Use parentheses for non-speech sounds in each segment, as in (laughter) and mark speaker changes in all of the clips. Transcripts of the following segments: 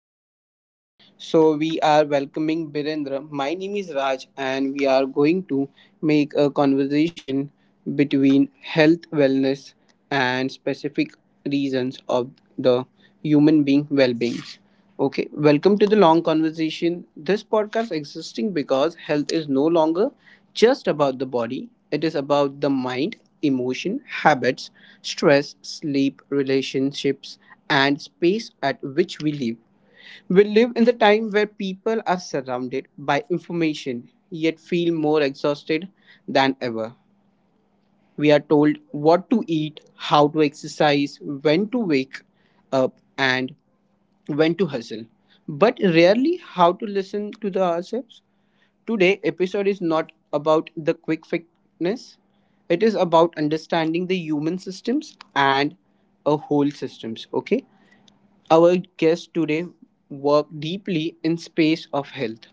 Speaker 1: this podcast. So, we are welcoming Birendra. My name is Raj, and we are going to make a conversation between health, wellness, and specific reasons of the human being well being. Okay, welcome to the long conversation. This podcast existing because health is no longer just about the body, it is about the mind, emotion, habits, stress, sleep, relationships, and space at which we live. We live in the time where people are surrounded by information yet feel more exhausted than ever. We are told what to eat, how to exercise, when to wake up, and when to hustle, but rarely how to listen to the ourselves. Today episode is not about the quick fitness. It is about understanding the human systems and a whole systems, okay? Our guest today work deeply in space of health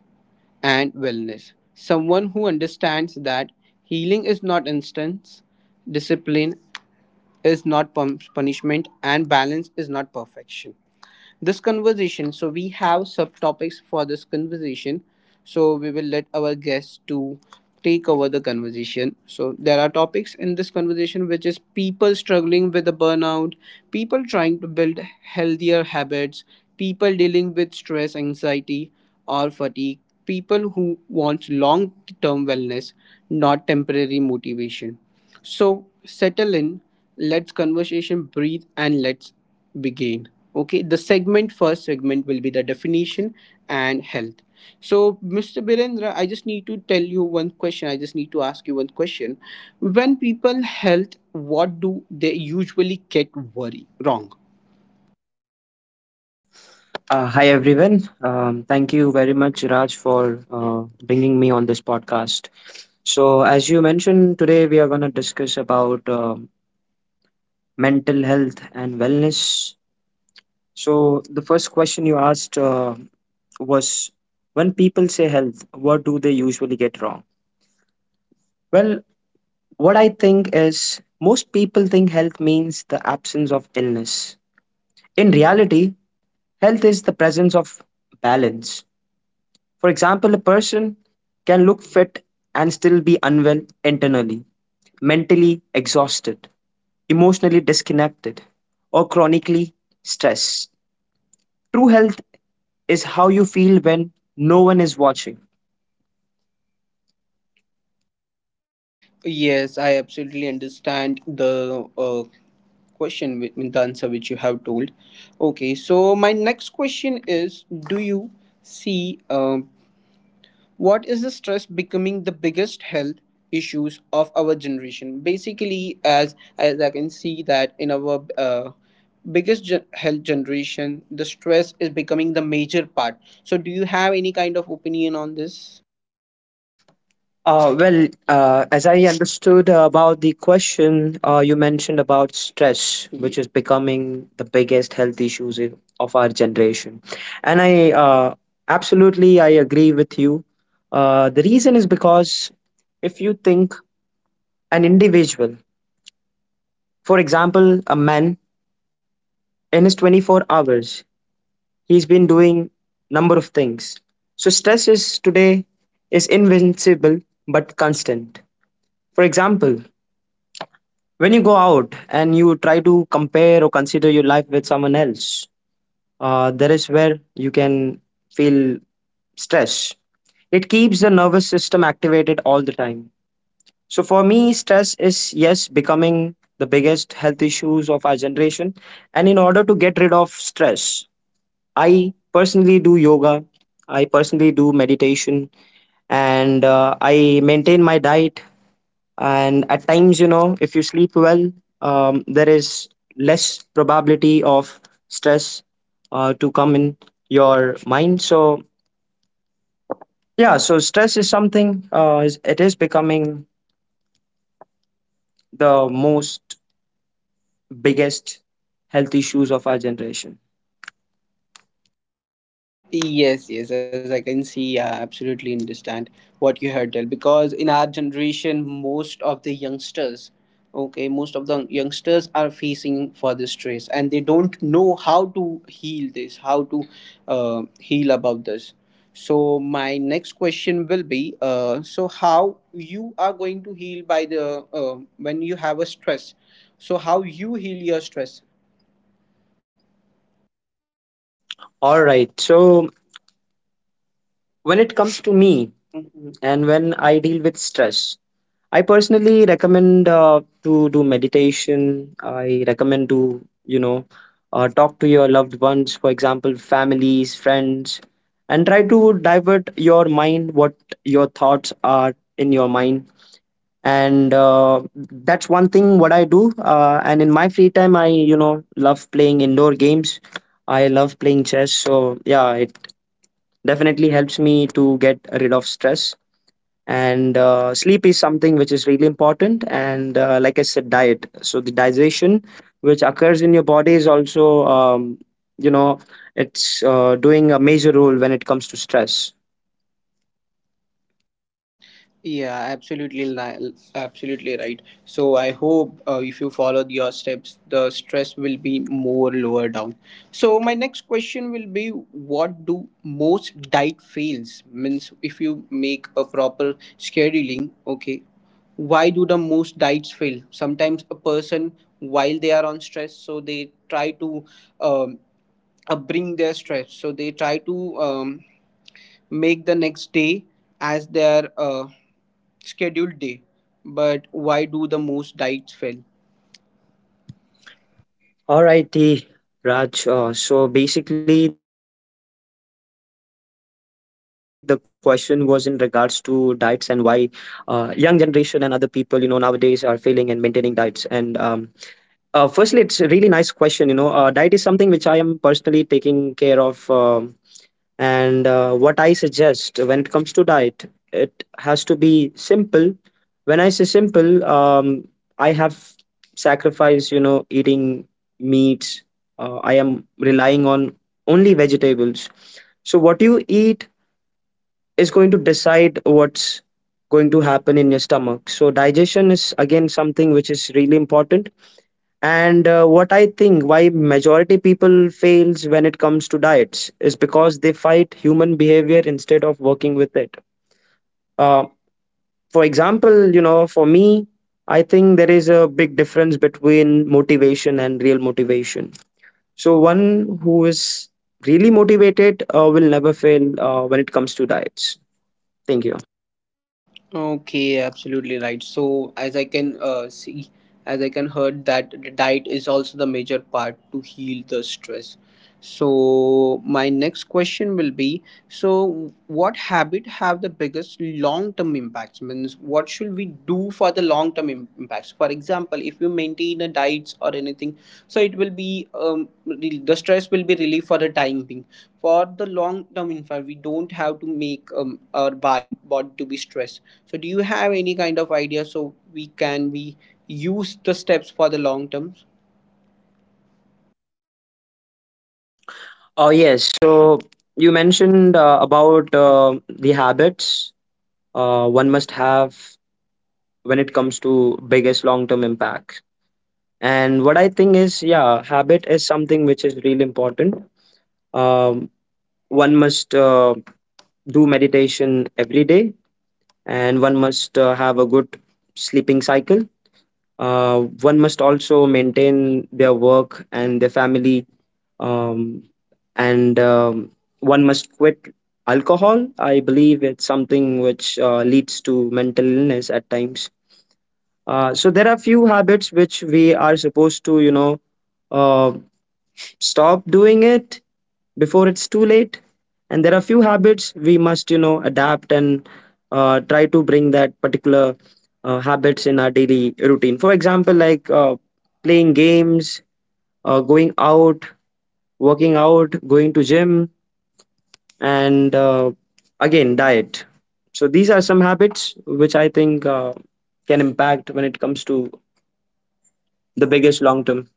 Speaker 1: and wellness. Someone who understands that healing is not instance, discipline is not punishment and balance is not perfection this conversation so we have subtopics for this conversation so we will let our guests to take over the conversation so there are topics in this conversation which is people struggling with the burnout people trying to build healthier habits people dealing with stress anxiety or fatigue people who want long term wellness not temporary motivation so settle in, let's conversation breathe and let's begin. Okay, the segment first segment will be the definition and health. So, Mr. Birendra, I just need to tell you one question. I just need to ask you one question. When people health, what do they usually get worry wrong?
Speaker 2: Hi everyone. Thank you very much, Raj, for uh, bringing me on this podcast. So, as you mentioned, today we are going to discuss about mental health and wellness. So, the first question you asked was, when people say health, what do they usually get wrong? Well, what I think is most people think health means the absence of illness. In reality, health is the presence of balance. For example, a person can look fit and still be unwell internally, mentally exhausted, emotionally disconnected, or chronically stressed. True health is how you feel when no one is watching.
Speaker 1: Yes, I absolutely understand the question with the answer which you have told, okay. So my next question is, do you see, what is the stress becoming the biggest health issues of our generation? Basically, as I can see that in our health generation, the stress is becoming the major part. So do you have any kind of opinion on this?
Speaker 2: As I understood about the question, you mentioned about stress, which is becoming the biggest health issues of our generation. And I uh, absolutely I agree with you. The reason is because if you think an individual, for example, a man in his 24 hours, he's been doing number of things. So stress is today is invincible but constant. For example, when you go out and you try to compare or consider your life with someone else, there is where you can feel stress. It keeps the nervous system activated all the time. So for me, stress is yes becoming the biggest health issues of our generation. And in order to get rid of stress, I personally do yoga. I personally do meditation, and I maintain my diet, and at times, you know, if you sleep well, there is less probability of stress to come in your mind. So yeah, so stress is something it is becoming the most biggest health issues of our generation.
Speaker 1: Yes, yes, as I can see, I absolutely understand what you heard tell, because in our generation, most of the youngsters, okay, most of the youngsters are facing for the stress and they don't know how to heal this, how to heal about this. So my next question will be, so how you are going to heal by the when you have a stress? So how you heal your stress?
Speaker 2: All right, so when it comes to me and when I deal with stress, I personally recommend to do meditation. I recommend to, you know, talk to your loved ones, for example, families, friends, and try to divert your mind, what your thoughts are in your mind. And that's one thing what I do. And in my free time, I, you know, love playing indoor games. I love playing chess. So, yeah, it definitely helps me to get rid of stress. And sleep is something which is really important, and like I said, diet. So the digestion which occurs in your body is also, you know it's doing a major role when it comes to stress.
Speaker 1: Yeah, absolutely, absolutely right. So I hope if you follow your steps, the stress will be more lower down. So my next question will be, what do most diet fails? Means if you make a proper scheduling, okay, why do the most diets fail? Sometimes a person while they are on stress, so they try to um, bring their stress. So they try to make the next day as their scheduled day, but why do the most diets fail?
Speaker 2: All righty, Raj, so basically the question was in regards to diets and why young generation and other people, you know, nowadays are failing in maintaining diets, and firstly, it's a really nice question. You know, diet is something which I am personally taking care of, and what I suggest when it comes to diet, it has to be simple. When I say simple, I have sacrificed, you know, eating meats. I am relying on only vegetables. So what you eat is going to decide what's going to happen in your stomach. So digestion is again something which is really important. And what I think why majority people fails when it comes to diets is because they fight human behavior instead of working with it. uh, for example, you know, for me, I think there is a big difference between motivation and real motivation. So one who is really motivated will never fail when it comes to diets. Thank you.
Speaker 1: Okay, absolutely right. So as I can see, as I can heard that the diet is also the major part to heal the stress. So my next question will be: so what habit have the biggest long-term impacts? Means what should we do for the long-term impact? Impacts, for example, if you maintain a diet or anything, so it will be, the stress will be relieved for the time being. For the long term, in fact, we don't have to make, our body to be stressed. So do you have any kind of idea so we can we use the steps for the long terms?
Speaker 2: Oh yes, so you mentioned about the habits one must have when it comes to biggest long term impacts. And what I think is, yeah, habit is something which is really important. Um, One must do meditation every day, and one must have a good sleeping cycle. One must also maintain their work and their family, um, and one must quit alcohol. I believe it's something which leads to mental illness at times. So there are few habits which we are supposed to, you know, uh, stop doing it before it's too late. And there are few habits we must, you know, adapt and try to bring that particular habits in our daily routine. For example, like playing games, going out, working out, going to gym, and again diet. So these are some habits which I think can impact when it comes to the biggest long term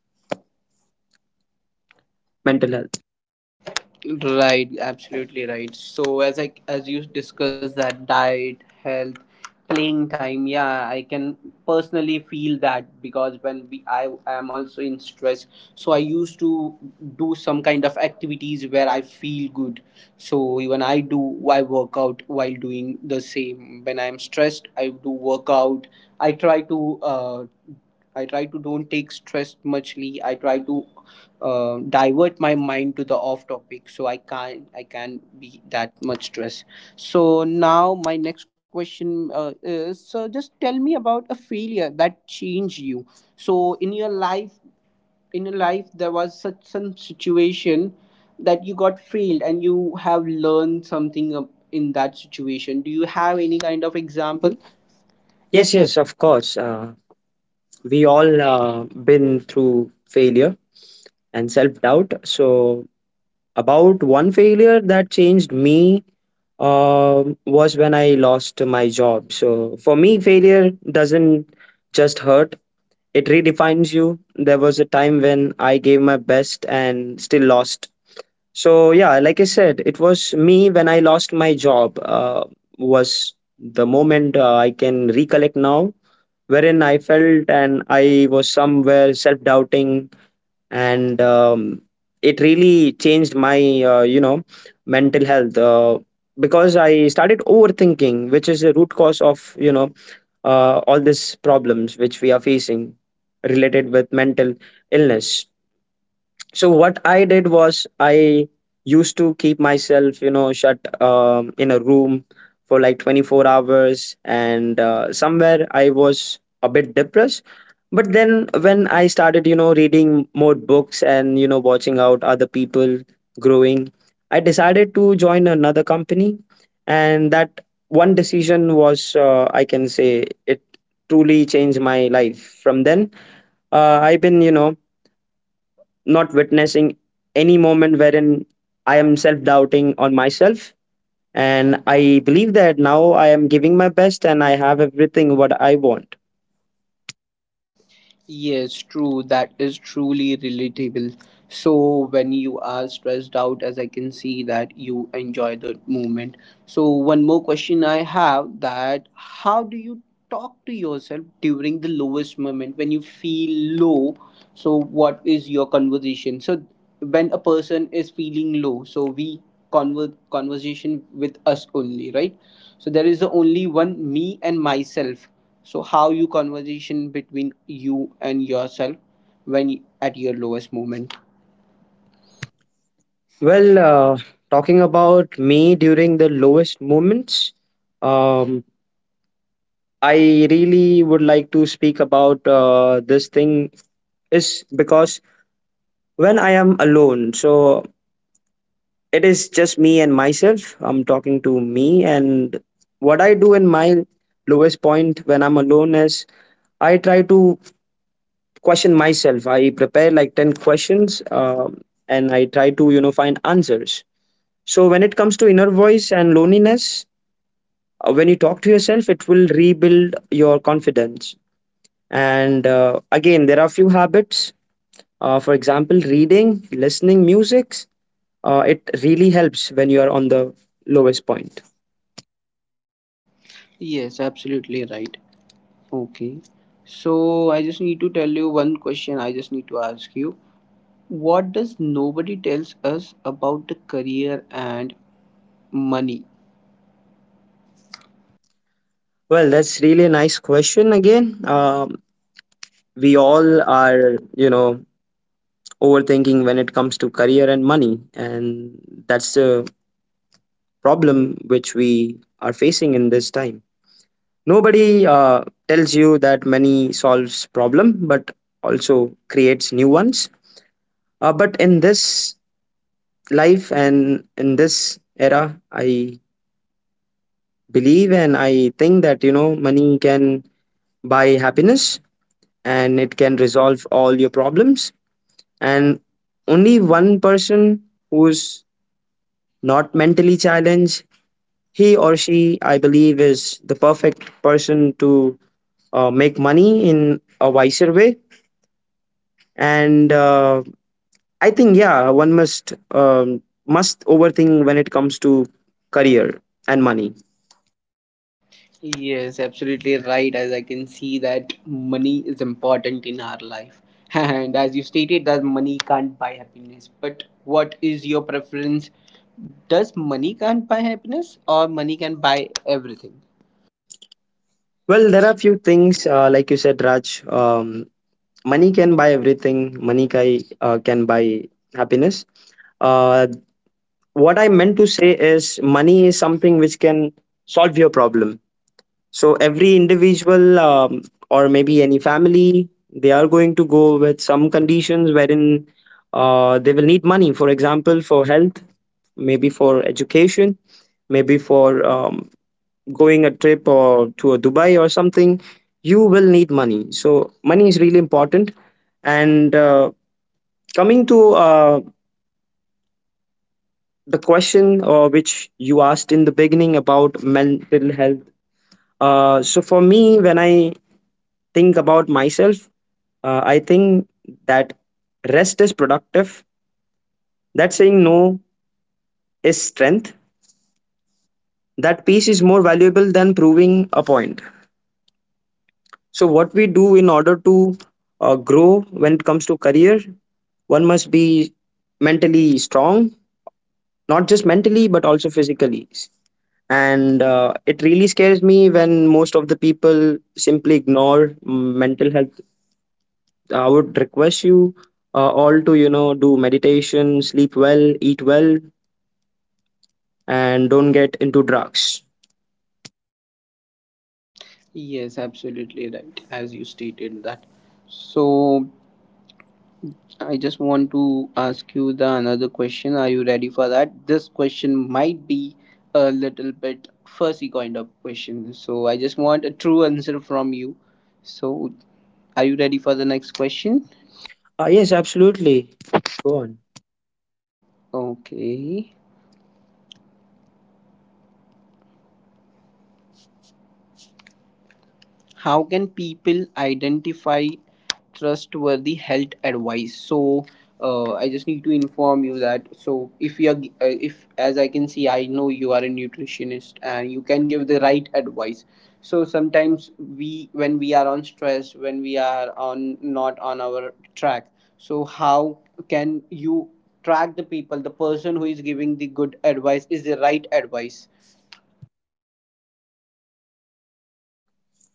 Speaker 2: mental health.
Speaker 1: Right, absolutely right. So as I as you discussed that diet, health, playing time, yeah, I can personally feel that, because when we I am also in stress, so I used to do some kind of activities where I feel good. So even I work out while doing the same. When I'm stressed, I do workout. I try to uh I try to don't take stress muchly. I try to divert my mind to the off topic so I can't be that much stressed. So now my next question is, so just tell me about a failure that changed you. So in your life, in your life, there was such some situation that you got failed and you have learned something in that situation. Do you have any kind of
Speaker 2: Example,
Speaker 1: example? Yes.
Speaker 2: yes, yes, of course. We all been through failure and self doubt. So about one failure that changed me was when I lost my job. So for me, failure doesn't just hurt; it redefines you. There was a time when I gave my best and still lost. So yeah, like I said, it was me when I lost my job. Was the moment I can recollect now wherein I felt and I was somewhere self doubting, and it really changed my, uh, you know, mental health because I started overthinking, which is the root cause of, you know, all these problems which we are facing related with mental illness. So what I did was I used to keep myself, you know, shut in a room for like 24 hours, and somewhere I was a bit depressed. But then when I started, you know, reading more books and, you know, watching out other people growing, I decided to join another company, and that one decision was, I can say it, truly changed my life. From then I've been, you know, not witnessing any moment wherein I am self doubting on myself. And I believe that now I am giving my best and I have everything what I want.
Speaker 1: Yes, true. That is truly relatable. So when you are stressed out, as I can see that you enjoy the moment. So one more question I have: that how do you talk to yourself during the lowest moment when you feel low? So what is your conversation? So when a person is feeling low, so we conversation with us only, right? So there is only one me and myself. So how you conversation between you and yourself when at your lowest moment?
Speaker 2: Well, talking about me during the lowest moments, um, I really would like to speak about this thing is because when I am alone, so it is just me and myself. I'm talking to me, and what I do in my lowest point when I'm alone is I try to question myself. I prepare like 10 questions, and I try to, you know, find answers. So when it comes to inner voice and loneliness, when you talk to yourself, it will rebuild your confidence. And again, there are few habits. For example, reading, listening, music. It really helps when you are on the lowest point.
Speaker 1: Yes, absolutely right. Okay, so I just need to tell you one question, I just need to ask you, what does nobody tells us about the career and money?
Speaker 2: Well, that's really a nice question again. We all are, you know, overthinking when it comes to career and money, and that's a problem which we are facing in this time. Nobody tells you that money solves problem but also creates new ones. But in this life and in this era, I believe and I think that, you know, money can buy happiness and it can resolve all your problems. And only one person who's not mentally challenged, he or she, I believe, is the perfect person to make money in a wiser way. And I think, yeah, one must overthink when it comes to career and money.
Speaker 1: Yes, absolutely right. As I can see that money is important in our life. (laughs) And as you stated that money can't buy happiness. But what is your preference? Does money can't buy happiness or money can buy everything?
Speaker 2: Well, there are few things, like you said, Raj. Money can buy everything. Money can, can buy happiness. Uh, what I meant to say is, money is something which can solve your problem. So every individual, or maybe any family, they are going to go with some conditions wherein they will need money. For example, for health, maybe for education, maybe for going a trip or to a Dubai or something. You will need money. So money is really important. And coming to the question which you asked in the beginning about mental health. So for me, when I think about myself, I think that rest is productive, that saying no is strength, that peace is more valuable than proving a point. So, what we do in order to grow when it comes to career, one must be mentally strong, not just mentally, but also physically. And it really scares me when most of the people simply ignore mental health. I would request you all to, you know, do meditation, sleep well, eat well, and don't get into drugs.
Speaker 1: Yes, absolutely right. As you stated that. So I just want to ask you the another question. Are you ready for that? This question might be a little bit fuzzy kind of question. So I just want a true answer from you. So are you ready for the next question?
Speaker 2: Yes, absolutely. Go on.
Speaker 1: Okay. How can people identify trustworthy health advice? So I just need to inform you that, so if you are if, as I can see, I know you are a nutritionist and you can give the right advice. So sometimes we, when we are on stress, when we are on not on our track, so how can you track the people, the person who is giving the good advice is the right advice?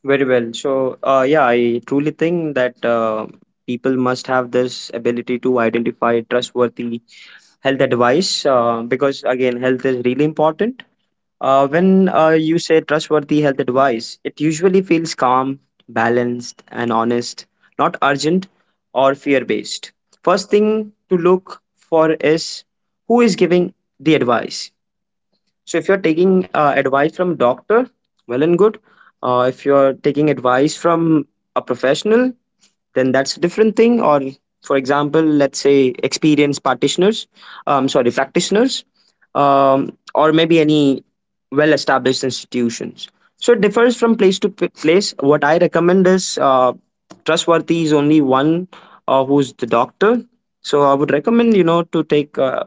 Speaker 2: Very well. So, yeah, I truly think that people must have this ability to identify trustworthy health advice because, again, health is really important. When you say trustworthy health advice, it usually feels calm, balanced, and honest, not urgent or fear based. First thing to look for is who is giving the advice. So if you're taking advice from doctor, well and good. If you're taking advice from a professional, then that's a different thing. Or for example, let's say experienced practitioners, sorry, practitioners, or maybe any well-established institutions. So it differs from place to place. What I recommend is trustworthy is only one who's the doctor. So I would recommend, you know, to take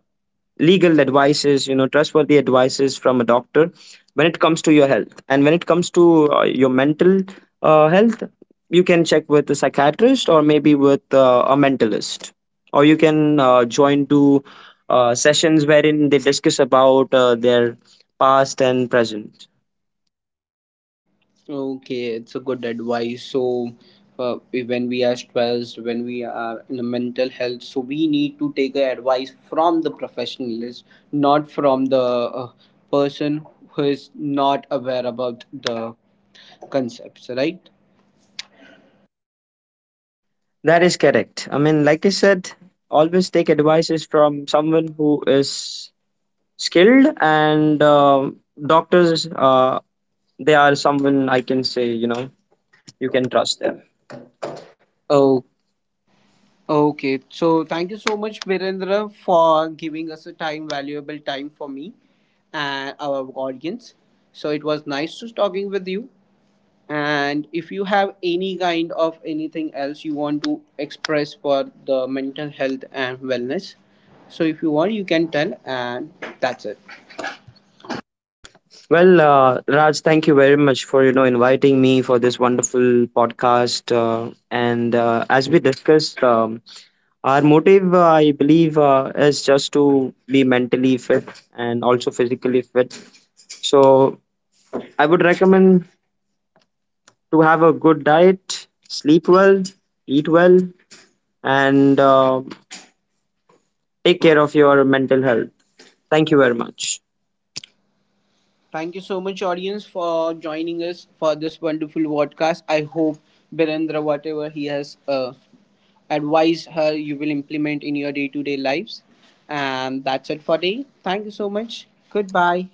Speaker 2: legal advices, you know, trustworthy advices from a doctor when it comes to your health. And when it comes to your mental health, you can check with a psychiatrist or maybe with a mentalist, or you can join to sessions wherein they discuss about their past and present.
Speaker 1: Okay, it's a good advice. So, when we are stressed, when we are in a mental health, so we need to take a advice from the professionals, not from the person who is not aware about the concepts, right?
Speaker 2: That is correct. I mean, like I said, always take advices from someone who is skilled, and doctors, they are someone I can say, you know, you can trust them. Oh,
Speaker 1: Okay, so thank you so much, Virendra, for giving us a time, valuable time, for me and our audience. So it was nice to talking with you. And if you have any kind of anything else you want to express for the mental health and wellness, so if you want you can tell, and that's it.
Speaker 2: well, Raj, thank you very much for, you know, inviting me for this wonderful podcast. And as we discussed, our motive, I believe, is just to be mentally fit and also physically fit. So I would recommend to have a good diet, sleep well, eat well, and take care of your mental health. Thank you very much.
Speaker 1: Thank you so much, audience, for joining us for this wonderful podcast. I hope Birendra, whatever he has advised her, you will implement in your day-to-day lives. And that's it for today. Thank you so much, goodbye.